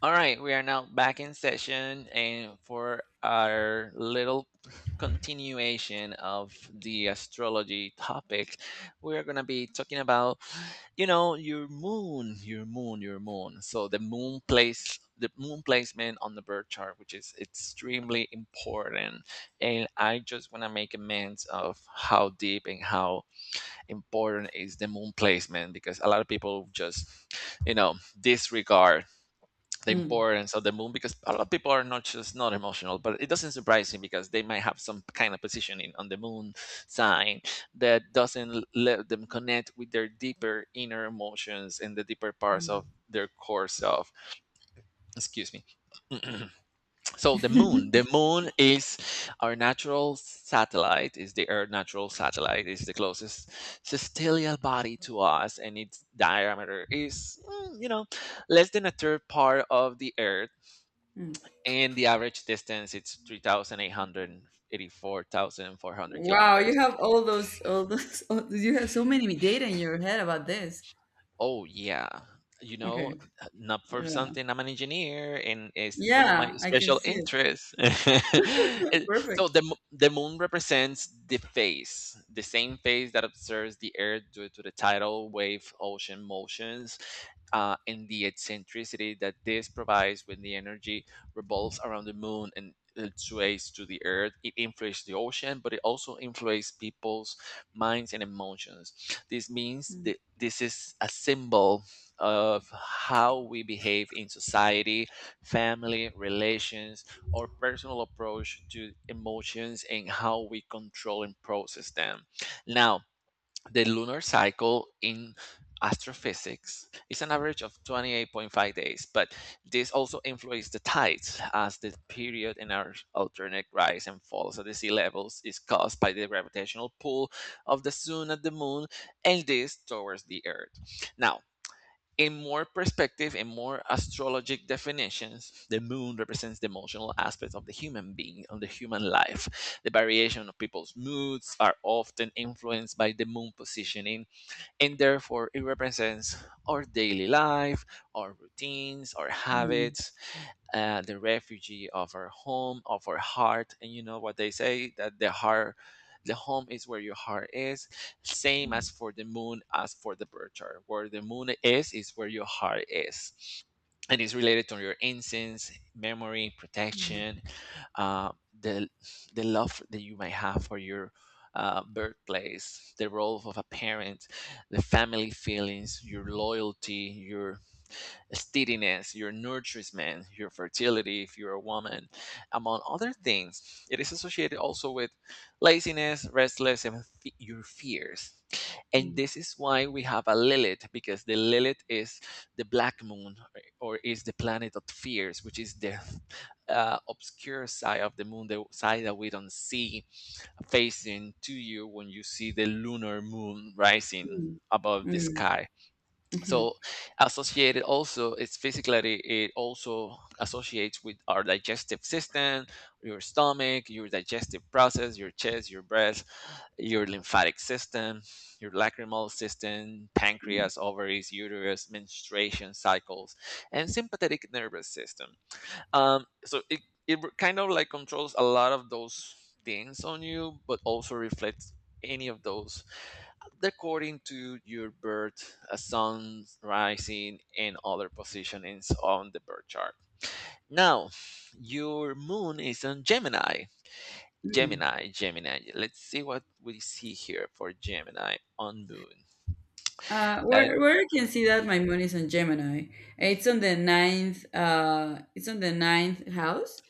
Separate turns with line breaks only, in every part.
All right, we are now back in session and for our little continuation of the astrology topic, we're going to be talking about, your moon, your moon, your moon. So the moon placement on the birth chart, which is extremely important. And I just want to make amends of how deep and how important is the moon placement because a lot of people just, you know, disregard the
Mm,
importance of the moon because a lot of people are not just not emotional, but it doesn't surprise me because they might have some kind of positioning on the moon sign that doesn't let them connect with their deeper inner emotions and the deeper parts
mm,
of their core self. Excuse me. So the moon the moon is our natural satellite, is the earth natural satellite, is the closest celestial body to us, and its diameter is less than a third part of the earth.
mm.
And the average distance, it's three thousand eight hundred eighty-four thousand four hundred
Wow,
kilometers.
you have all those, you have so many data in your head about this.
Oh yeah, you know,
Okay,
not for
yeah,
something. I'm an engineer, and it's no my
yeah, I can
special
see it.
interest. So
Perfect.
the moon represents the phase, the same phase that observes the Earth due to the tidal wave ocean motions, and the eccentricity that this provides when the energy revolves around the moon and it sways to the Earth. It influences the ocean, but it also influences people's minds and emotions. This means
Mm,
that this is a symbol of how we behave in society, family, relations, or personal approach to emotions and how we control and process them. Now, the lunar cycle in astrophysics is an average of 28.5 days, but this also influences the tides, as the period in our alternate rise and falls at the sea levels is caused by the gravitational pull of the sun at the moon and this towards the earth. Now, in more perspective and more astrologic definitions, the moon represents the emotional aspects of the human being and the human life. The variation of people's moods are often influenced by the moon positioning, and therefore it represents our daily life, our routines, our
mm,
habits, the refugee of our home, of our heart. And you know what they say, that the heart, the home is where your heart is. Same as
mm,
for the moon, as for the birth chart. Where the moon is where your heart is. And it's related to your incense, memory,
mm,
protection, uh, the love that you might have for your birthplace, the role of a parent, the family feelings, your loyalty, your steadiness, your nourishment, your fertility if you're a woman, among other things. It is associated also with laziness, restless, and your fears. And
mm,
this is why we have a Lilith, because the Lilith is the black moon, or is the planet of fears, which is the obscure side of the moon, the side that we don't see, facing to you when you see the lunar moon rising
mm,
above the
mm,
sky.
mhm,
So, associated also, it's physically, it also associates with our digestive system, your stomach, your digestive process, your chest, your breast, your lymphatic system, your lacrimal system,
mm.
pancreas, ovaries, uterus, menstruation cycles, and sympathetic nervous system. So it kind of like controls a lot of those things on you, but also reflects any of those according to your birth, sun, rising, and other positionings on the birth chart. Now, your moon is on Gemini. Gemini, Gemini, let's see what we see here for Gemini on moon. Uh,
Where I can see that my moon is on Gemini. It's on the ninth. It's on the ninth house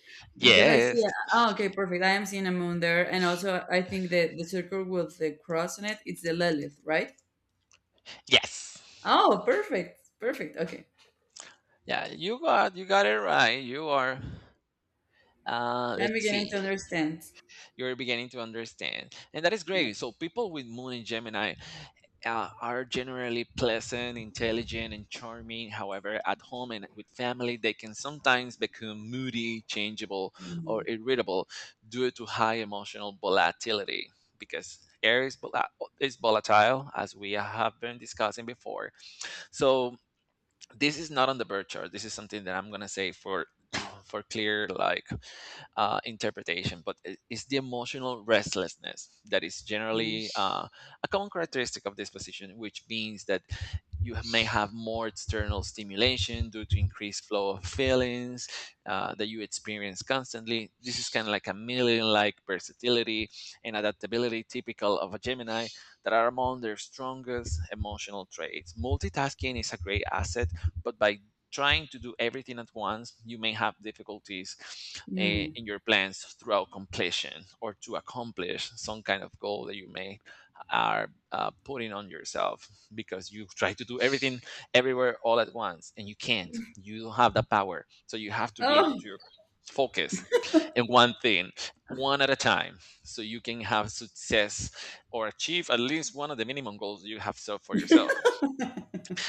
because I see.
yes,
Oh, okay, perfect. I am seeing a moon there, and also I think that the circle with the cross on it, it's the Lilith, right?
yes,
Oh, perfect. Perfect. Okay.
yeah, you got it right. You are, let's
I'm beginning
see.
to understand.
You're beginning to understand. And that is
Yeah.
great. So people with Moon and Gemini are generally pleasant, intelligent, and charming. However, at home and with family, they can sometimes become moody, changeable, or
Mhm.
irritable due to high emotional volatility. Because air is, is volatile, as we have been discussing before. So, this is not on the birth chart. This is something that I'm gonna say for for clear like interpretation, but it's the emotional restlessness that is
Mm.
generally a common characteristic of this position, which means that you may have more external stimulation due to increased flow of feelings that you experience constantly. This is kind of like a million like versatility and adaptability typical of a Gemini that are among their strongest emotional traits. Multitasking is a great asset, but by trying to do everything at once, you may have difficulties, eh,
Mm.
in your plans throughout completion or to accomplish some kind of goal that you may are putting on yourself, because you try to do everything everywhere all at once and you can't. You don't have the power, so you have to be able to
Oh,
focus in one thing, one at a time, so you can have success or achieve at least one of the minimum goals you have set for yourself.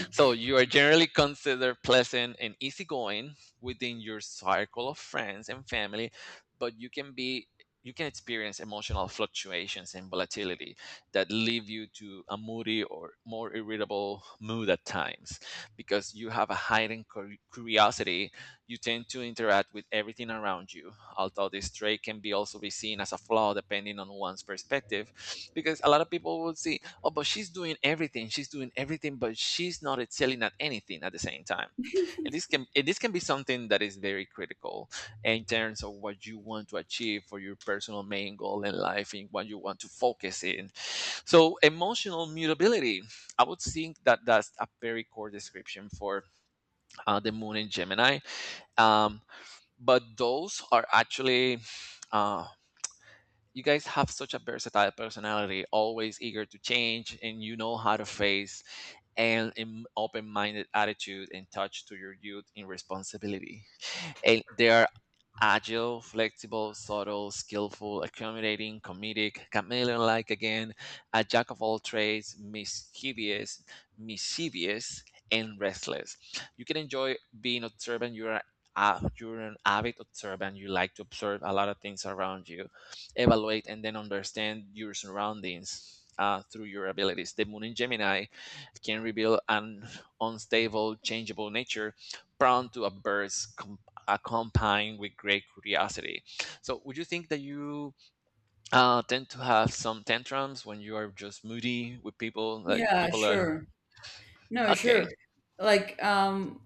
So, you are generally considered pleasant and easygoing within your circle of friends and family, but you can be, you can experience emotional fluctuations and volatility that leave you to a moody or more irritable mood at times. Because you have a heightened curiosity, you tend to interact with everything around you, although this trait can be also be seen as a flaw depending on one's perspective, because a lot of people will see, oh, but she's doing everything, she's doing everything, but she's not excelling at anything at the same time. And this can, and this can be something that is very critical in terms of what you want to achieve for your personal main goal in life and what you want to focus in. So, emotional mutability, I would think that that's a very core description for the moon in Gemini. um, but those are actually, uh, you guys have such a versatile personality, always eager to change, and you know how to face, and an open minded attitude and touch to your youth in responsibility. And they are agile, flexible, subtle, skillful, accommodating, comedic, chameleon like, again, a jack of all trades, mischievous, mischievous, and restless. You can enjoy being observant. You're a, you're an avid observant. You like to observe a lot of things around you, evaluate, and then understand your surroundings through your abilities. The moon in Gemini can reveal an unstable, changeable nature prone to a burst accompanied with great curiosity. So, would you think that you tend to have some tantrums when you are just moody with people? Like,
yeah,
people are.
sure. No,
Okay.
sure. Like,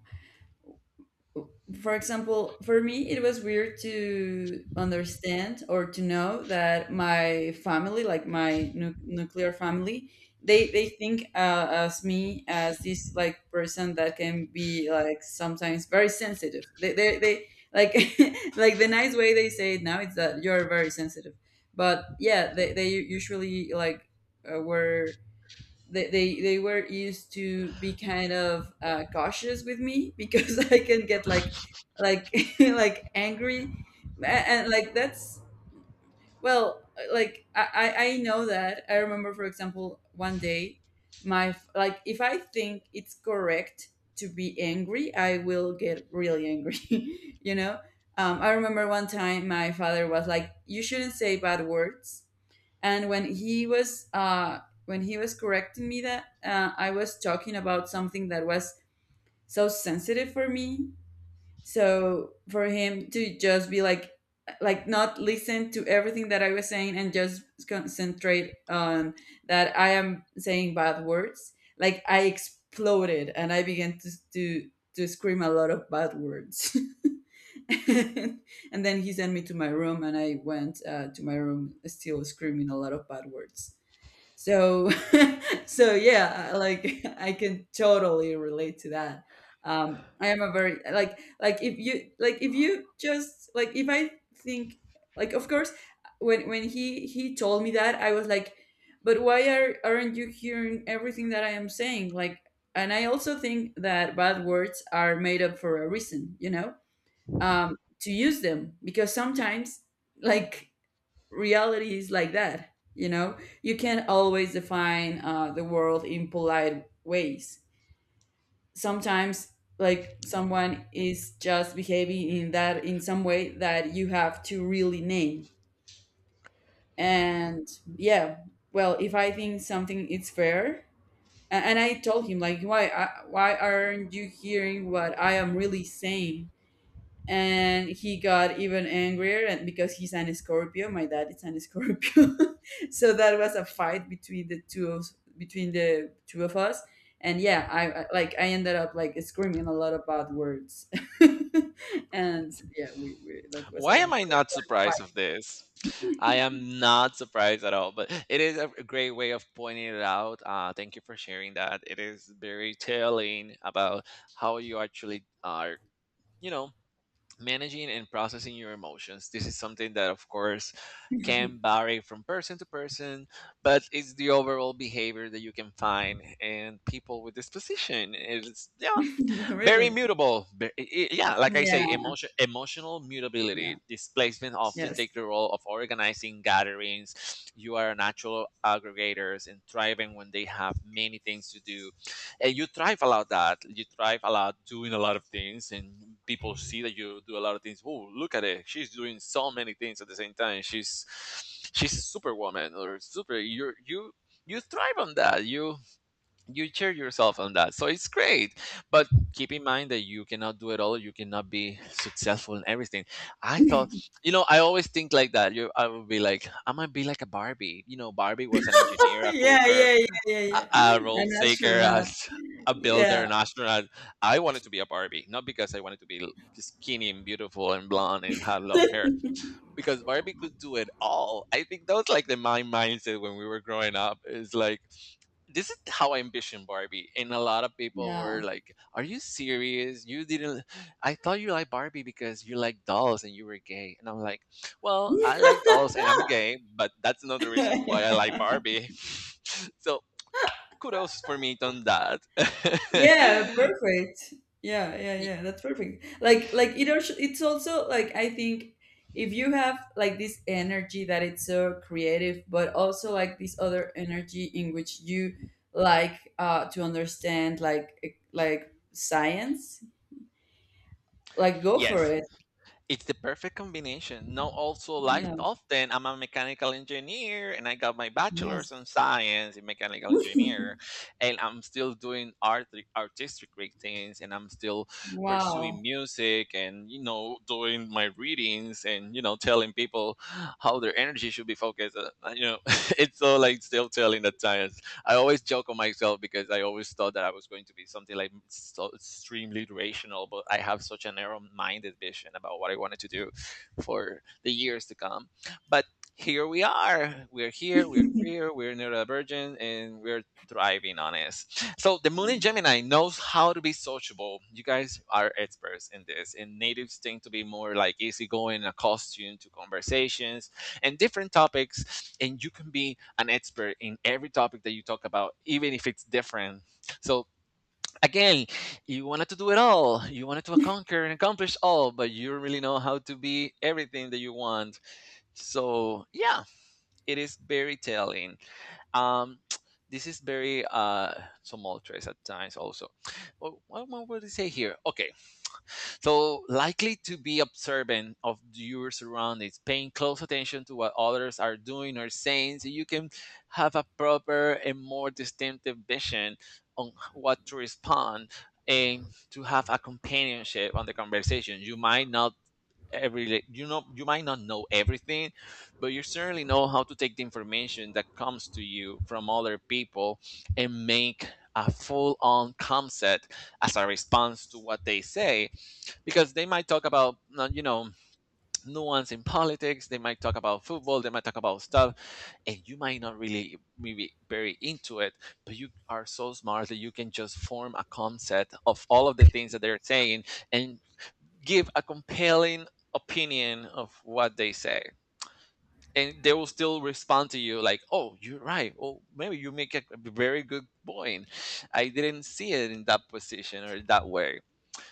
for example, for me, it was weird to understand or to know that my family, like my nuclear family, they think as me as this like person that can be like sometimes very sensitive. They like like the nice way they say it now is that you're very sensitive. But yeah, they usually like were they were used to be kind of cautious with me because I can get like like like angry. Like that's, well, like I know that I remember, for example, one day my like if I think it's correct to be angry, I will get really angry, you know. I remember one time my father was like, you shouldn't say bad words, and when he was correcting me that I was talking about something that was so sensitive for me. So for him to just be like, not listen to everything that I was saying and just concentrate on that I am saying bad words, like I exploded and I began to scream a lot of bad words. And then he sent me to my room and I went to my room still screaming a lot of bad words. So so yeah, like I can totally relate to that. I am a very, like, if you, like, if you just like, if I think, like, of course, when he told me that I was like, but why aren't you hearing everything that I am saying, like. And I also think that bad words are made up for a reason, you know, to use them because sometimes, like, reality is like that, you know, you can't always define the world in polite ways. Sometimes, like, someone is just behaving in that, in some way that you have to really name. And yeah, well, if I think something is fair, and I told him like, why why aren't you hearing what I am really saying. And he got even angrier, and because he's an scorpio, my dad is an scorpio. So that was a fight between the two of, between the two of us. And yeah, like I ended up like screaming a lot of bad words. And yeah, we, that was
Why am
a
I not surprised
fight.
of this? I am not surprised at all, but it is a great way of pointing it out. Thank you for sharing that. It is very telling about how you actually are, you know, managing and processing your emotions. This is something that, of course, can vary from person to person, but it's the overall behavior that you can find in people with this position. It's, yeah, very
Really.
mutable. Yeah, like I
Yeah.
say, emotion, emotional
Yeah.
mutability. Displacement often
Yes.
take the role of organizing gatherings. You are natural aggregators and thriving when they have many things to do, and you thrive a lot, that you thrive a lot doing a lot of things, and people see that you do a lot of things. Oh, look at it, she's doing so many things at the same time, she's a superwoman or super. You're you, you thrive on that. You cheer yourself on that, so it's great. But keep in mind that you cannot do it all, you cannot be successful in everything. I thought, I always think like that, you, I would be like, I might be like a Barbie. Barbie was an engineer, a
Yeah,
cooker,
yeah, yeah, yeah,
a,
yeah,
a role
an
taker,
astronaut.
as a builder,
Yeah.
an astronaut. I wanted to be a Barbie, not because I wanted to be skinny and beautiful and blonde and have long hair. Because Barbie could do it all. I think that was like the my mindset when we were growing up. Is like, this is how I envision Barbie, and a lot of people were
Yeah.
like, "Are you serious? You didn't? I thought you liked Barbie because you like dolls and you were gay." And I'm like, "Well, I like dolls and I'm gay, but that's not the reason why I like Barbie." So, kudos for me on that.
Yeah, perfect. Yeah, yeah,
Y-
yeah. That's perfect. Like it also, it's also like, I think if you have like this energy that it's so creative, but also like this other energy in which you, like, to understand, like, like science, like go for
yes,
it.
it's the perfect combination. Now, also, like
Yeah.
often, I'm a mechanical engineer and I got my
Yes.
bachelor's in science in mechanical engineer, and I'm still doing art, artistic things, and I'm still pursuing
Wow.
music, and doing my readings, and telling people how their energy should be focused. You know, it's all like still telling the time. I always joke on myself because I always thought that I was going to be something like so extremely rational, but I have such a narrow-minded vision about what I wanted to do for the years to come. But here we are. We're here. We're queer. We're neurodivergent, and we're thriving on it. So the Moon in Gemini knows how to be sociable. You guys are experts in this. And natives tend to be more like easygoing, accustomed to conversations, and different topics, and you can be an expert in every topic that you talk about even if it's different. So again, you wanted to do it all, you wanted to conquer and accomplish all, but you don't really know how to be everything that you want. So yeah, it is very telling. um this is very tumultuous at times also. Well, what would I say here? Okay, so, likely to be observant of your surroundings, paying close attention to what others are doing or saying, so you can have a proper and more distinctive vision on what to respond and to have a companionship on the conversation. You might not every. You might not know everything, but you certainly know how to take the information that comes to you from other people and make a full on concept as a response to what they say, because they might talk about nuance in politics, they might talk about football, they might talk about stuff, and you might not really be very into it, but you are so smart that you can just form a concept of all of the things that they're saying and give a compelling opinion of what they say, and they will still respond to you like, oh, you're right, oh, maybe you make a very good point, I didn't see it in that position or that way.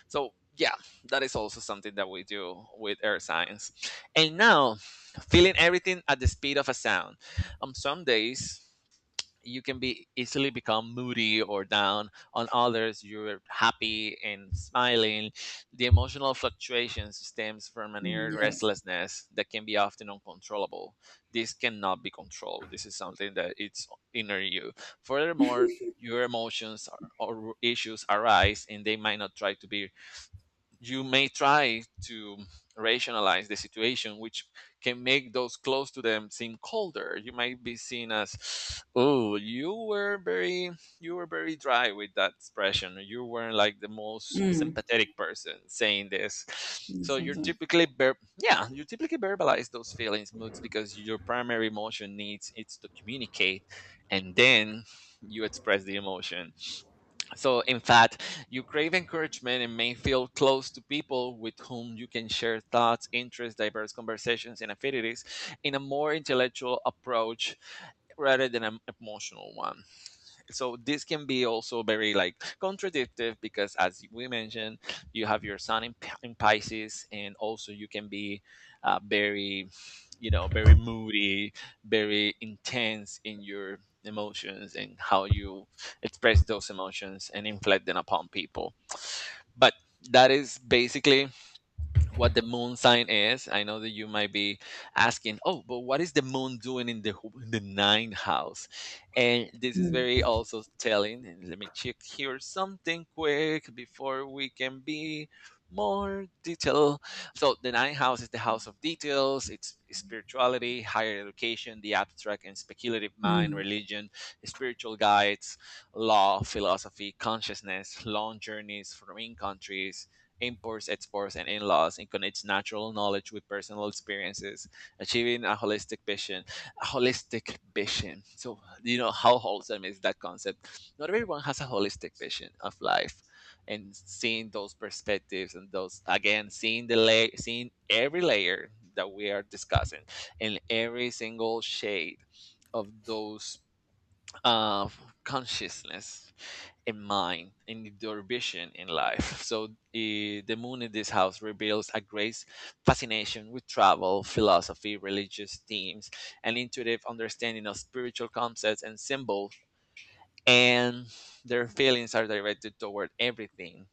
So yeah, that is also something that we do with air science. And now, feeling everything at the speed of a sound. On some days, you can be easily become moody or down. On others, you're happy and smiling. The emotional fluctuations stems from an
Mm,
inner
yes.
restlessness that can be often uncontrollable. This cannot be controlled. This is something that it's inner you. Furthermore, your emotions or issues arise and they might not try to be, you may try to rationalize the situation, which can make those close to them seem colder. You might be seen as, "Oh, you were very dry with that expression. You weren't like the most
Mm.
sympathetic person saying this."
Mm,
So you're
sometimes.
typically, yeah, you typically verbalize those feelings, moods, because your primary emotion needs it's to communicate, and then you express the emotion. So, in fact, you crave encouragement and may feel close to people with whom you can share thoughts, interests, diverse conversations, and affinities in a more intellectual approach rather than an emotional one. So this can be also very like contradictive, because as we mentioned, you have your sun in, in Pisces, and also you can be very, you know, very moody, very intense in your emotions and how you express those emotions and inflict them upon people. But that is basically what the moon sign is. I know that you might be asking, oh, but what is the moon doing in the in the ninth house? And this is
Mm.
very also telling. And let me check here something quick before we can be more detail. So the ninth house is the house of details. It's spirituality, higher education, the abstract and speculative mind,
Mm.
religion, spiritual guides, law, philosophy, consciousness, long journeys, foreign countries, imports, exports, and in laws, and connects natural knowledge with personal experiences, achieving a holistic vision. A holistic vision. So, you know how wholesome is that concept? Not everyone has a holistic vision of life, and seeing those perspectives and those, again, seeing the layer, seeing every layer that we are discussing, and every single shade of those uh, consciousness in mind in their vision in life. So the moon in this house reveals a great fascination with travel, philosophy, religious themes, an intuitive understanding of spiritual concepts and symbols, and their feelings are directed toward everything.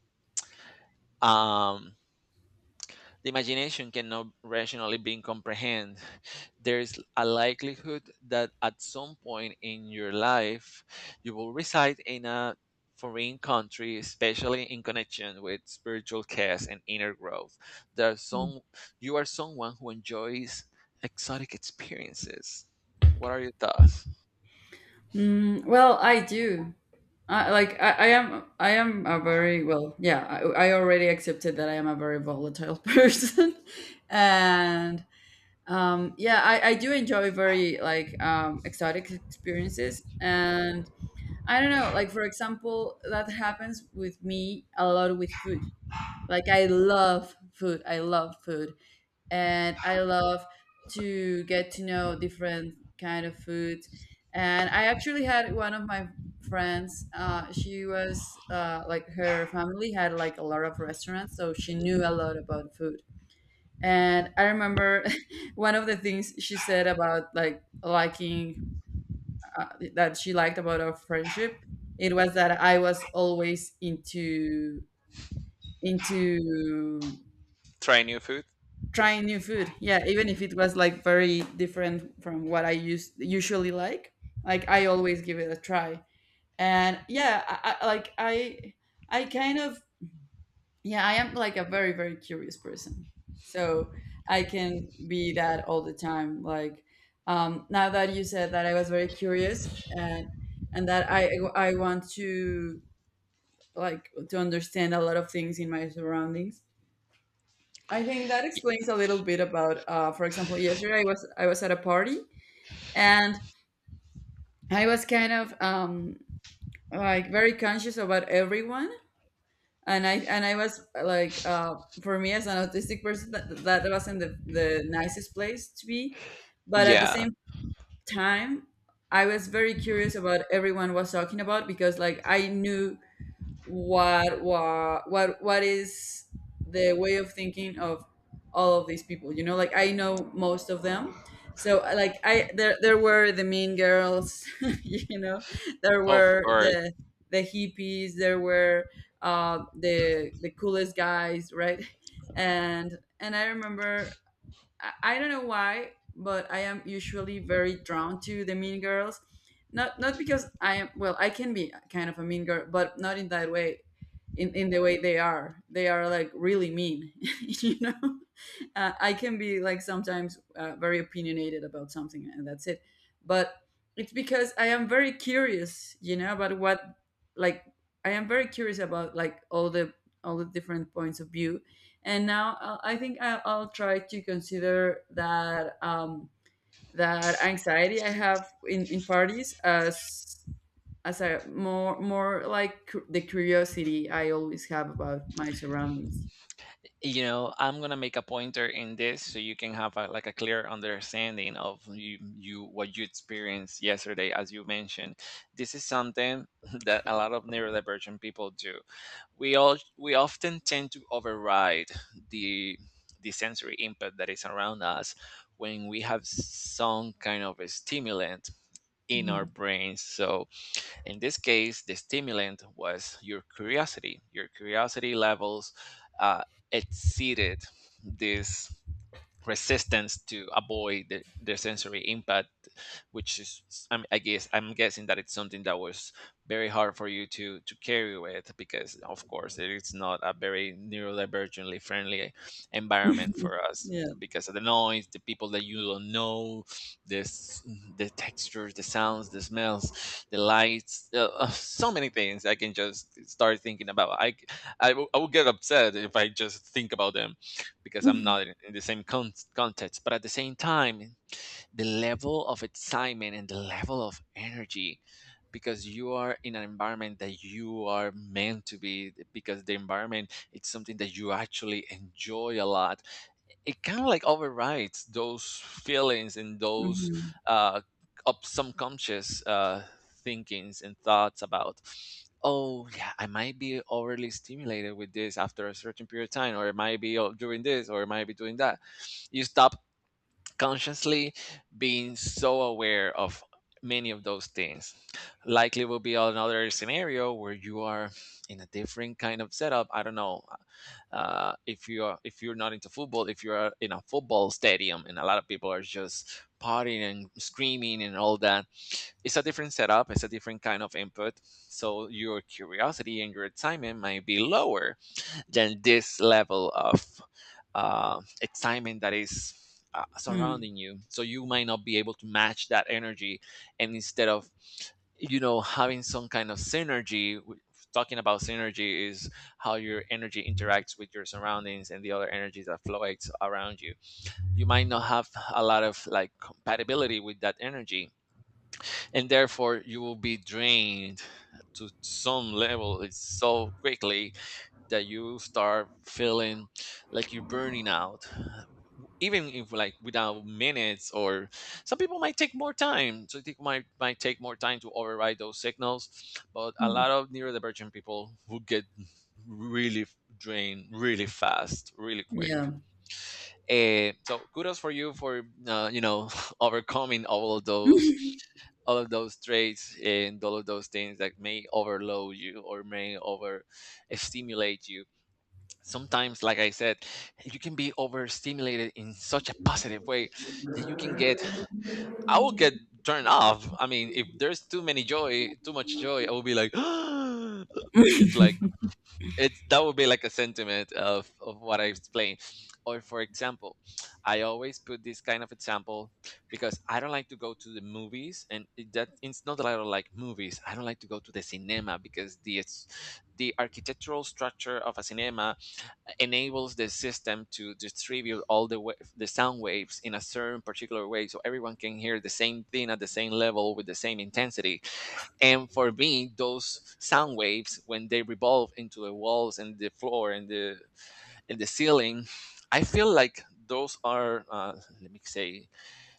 Um, the imagination cannot rationally be comprehended. There is a likelihood that at some point in your life you will reside in a foreign country, especially in connection with spiritual quest and inner growth. There are some, you are someone who enjoys exotic experiences. What are your thoughts?
Mm, well, I do. Like I am a very, well, yeah, I already accepted that I am a very volatile person. And yeah, I do enjoy very like exotic experiences. And I don't know, like, for example, that happens with me a lot with food. Like, I love food, and I love to get to know different kind of food. And I actually had one of my friends. She was, like, her family had like a lot of restaurants, so she knew a lot about food. And I remember one of the things she said about, like, liking, uh, that she liked about our friendship. It was that I was always into
Try new food?
trying new food. Yeah, even if it was like very different from what I used usually, like, I always give it a try. And yeah, like, I kind of, yeah, I am like a very curious person. So I can be that all the time, like, now that you said that I was very curious, and that I want to, like, to understand a lot of things in my surroundings. I think that
Y-
explains a little bit about, for example, yesterday I was at a party, and I was kind of, like, very conscious about everyone. And I was like, for me as an autistic person, that wasn't the nicest place to be. But at the
Yeah,
same time, I was very curious about everyone was talking about, because, like, I knew what is the way of thinking of all of these people, you know, like, I know most of them. So, like, I there, there were the mean girls, you know. There
of
were
course.
the hippies. There were, the coolest guys, right? And I remember, I don't know why, but I am usually very drawn to the mean girls. Not because I am, well, I can be kind of a mean girl, but not in that way. In the way they are like really mean, you know. I can be like sometimes, very opinionated about something, and that's it. But it's because I am very curious, you know, about what, like, I am very curious about, like, all the different points of view. And now I think I'll try to consider that, that anxiety I have in parties as a more, more like, the curiosity I always have about my surroundings.
You know, I'm going to make a pointer in this so you can have a, like a clear understanding of you, you what you experienced yesterday as you mentioned. This is something that a lot of neurodivergent people do. We all, we often tend to override the the sensory input that is around us when we have some kind of a stimulant in our
Hmm.
brains. So in this case, the stimulant was your curiosity. Your curiosity levels uh, exceeded this resistance to avoid the sensory impact, which is, I guess I'm guessing that it's something that was very hard for you to carry with, because of course it is not a very neurodivergently friendly environment for us,
Yeah.
because of the noise, the people that you don't know, this, the textures, the sounds, the smells, the lights, so many things I can just start thinking about. I will, I will get upset if I just think about them, because I'm not in in the same context. But at the same time, the level of excitement and the level of energy, because you are in an environment that you are meant to be, because the environment it's something that you actually enjoy a lot, it kind of like overrides those feelings and those
Mhm.
uh up subconscious thinkings and thoughts about, oh yeah, I might be overly stimulated with this after a certain period of time, or it might be doing this, or it might be doing that. You stop consciously being so aware of many of those things. Likely will be another scenario where you are in a different kind of setup. I don't know, if you are, if you're not into football, if you're in a football stadium and a lot of people are just partying and screaming and all that, it's a different setup, it's a different kind of input, so your curiosity and your excitement might be lower than this level of excitement that is
Hmm.
surrounding you. So you might not be able to match that energy, and instead of, you know, having some kind of synergy. Talking about synergy is how your energy interacts with your surroundings and the other energies that fluctuates around you. You might not have a lot of like compatibility with that energy, and therefore you will be drained to some level it's so quickly that you start feeling like you're burning out, even if like without minutes, or some people might take more time, so it might take more time to override those signals, but a
Hmm.
lot of neurodivergent people who get really drained really fast really
Yeah.
quick. Eh, so kudos for you know overcoming all of those, all of those traits and all of those things that may overload you or may over stimulate you. Sometimes like I said, you can be overstimulated in such a positive way that you can get, I will get turned off. I mean, if there's too many joy, too much joy, I will be like it's like, it's, that would be like a sentiment of what I explained. Or for example, I always put this kind of example, because I don't like to go to the movies, and that it's not that I don't like movies, I don't like to go to the cinema because the it's, the architectural structure of a cinema enables the system to distribute all the the sound waves in a certain particular way so everyone can hear the same thing at the same level with the same intensity, and for me those sound waves when they revolve into the walls and the floor and the ceiling, I feel like those are let me say,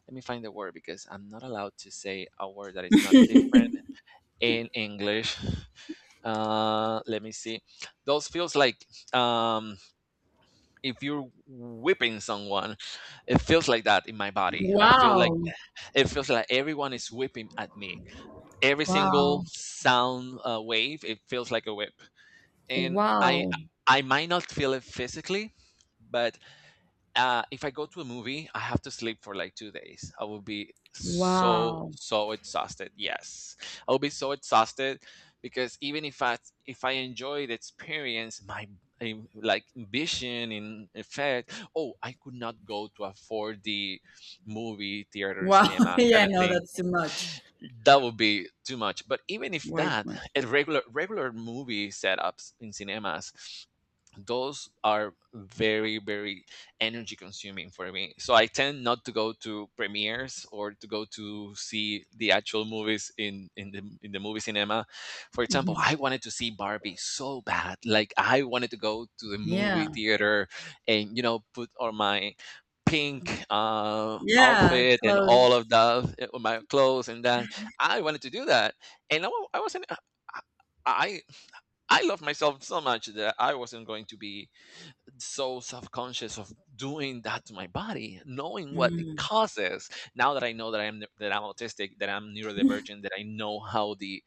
let me find the word because I'm not allowed to say a word that is not different in English. Let me see, those feels like, um, if you're whipping someone, it feels like that in my body. I feel like
Wow.
it feels like everyone is whipping at me, every single
Wow.
sound wave, it feels like a whip. And i
Wow.
i might not feel it physically, but if I go to a movie, I have to sleep for like 2 days. I will be so
Wow.
so exhausted. Yes, I will be so exhausted because even if I, if I enjoy the experience, my like vision in effect. Oh, I could not go to a 4D movie theater
Wow.
cinema kind
Yeah,
of
no,
thing.
that's too much.
That would be too much. But even if
Way too
that,
much.
at regular regular movie setups in cinemas, those are very very energy consuming for me, so I tend not to go to premieres or to go to see the actual movies in the movie cinema. For example,
Mhm.
I wanted to see Barbie so bad, like I wanted to go to the movie
Yeah.
theater and you know put on my pink
Yeah,
outfit and
close.
all of that, my clothes and that. I wanted to do that, and I wasn't, I, I love myself so much that I wasn't going to be so self-conscious of doing that to my body, knowing what it
Mm.
causes. Now that I know that I'm autistic, that I'm neurodivergent, that I know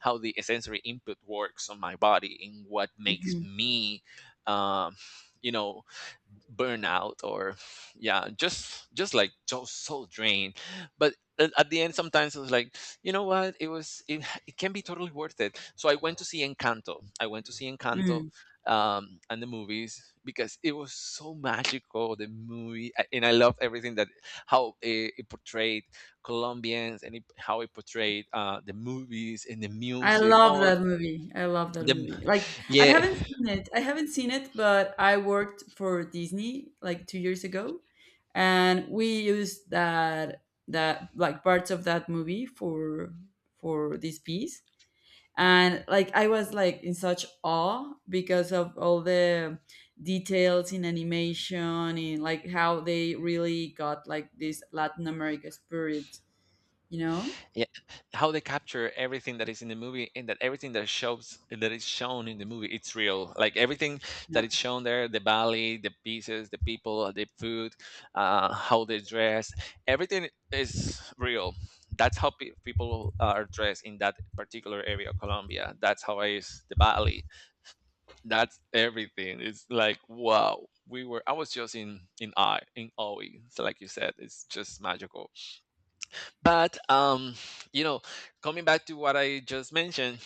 how the sensory input works on my body and what makes
Mhm.
me, um, you know, burnout or yeah just like so so drained. But at the end sometimes it was like, you know what, it was it can be totally worth it. So I went to see Encanto, I went to see Encanto
Mm.
and the movies, because it was so magical the movie, and I love everything that how it portrayed Colombians, and how it portrayed the movies and the music all
I love that
the
movie. Like,
yeah.
I haven't seen it, but I worked for Disney like 2 years ago, and we used that, like, parts of that movie for this piece. And, like, I was like in such awe because of all the details in animation, in, like, how they really got like this Latin America spirit, you know?
Yeah, how they capture everything that is in the movie, and that everything that shows that is shown in the movie, it's real. Like everything that is shown there, the ballet, the pieces, the people, the food, how they dress, everything is real. That's how people are dressed in that particular area of Colombia. That's how I is the ballet. That's everything. It's like wow. We were. I was just in awe, in awe. So like you said, it's just magical. But you know, coming back to what I just mentioned,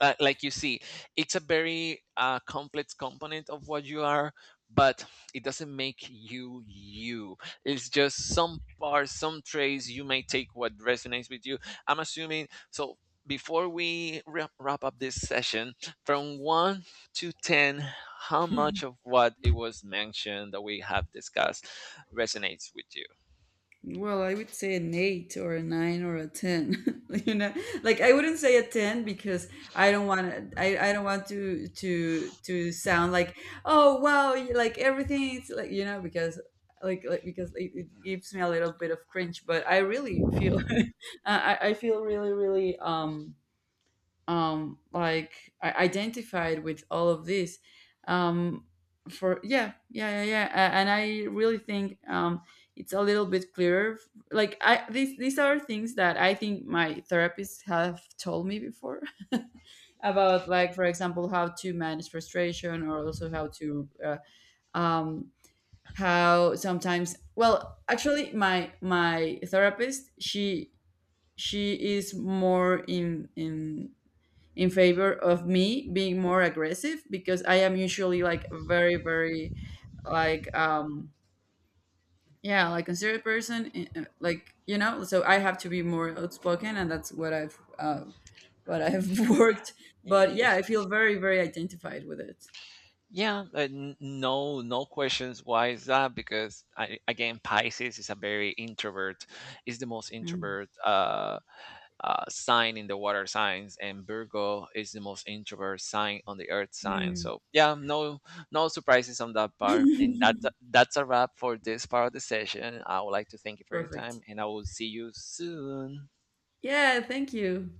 like you see, it's a very complex component of what you are, but it doesn't make you you, it's just some parts some traits you may take what resonates with you, I'm assuming. So before we wrap up this session, from 1 to 10, how much of what it was mentioned that we have discussed resonates with
Well, I would say an eight or a nine or a 10. You know, like, I wouldn't say a 10 because I don't want to. I don't want to to sound like, oh wow, you, like everything is like, you know, because, like, because it gives me a little bit of cringe. But I really feel I feel really like, I identified with all of this. um for, yeah, yeah, yeah, yeah. And I really think, it's a little bit clearer. Like, I these are things that I think my therapists have told me before, about, like, for example, how to manage frustration, or also how to, um how sometimes, well, actually my, my therapist, she is more in, in favor of me being more aggressive, because I am usually like a very like, yeah, like, considerate person. Like, you know, so I have to be more outspoken, and that's what I've, what I've worked. But
you?
yeah, I feel very very identified with it.
Yeah, no, no questions. Why is that? Because I, again, Pisces is a very introvert, is the most
Mm.
introvert sign in the water signs, and Virgo is the most introvert sign on the earth sign.
Mm.
So yeah, no, no surprises on that part. And that's a wrap for this part of the session. I would like to thank you for your
Perfect.
time, and I will see you soon.
Yeah, thank you.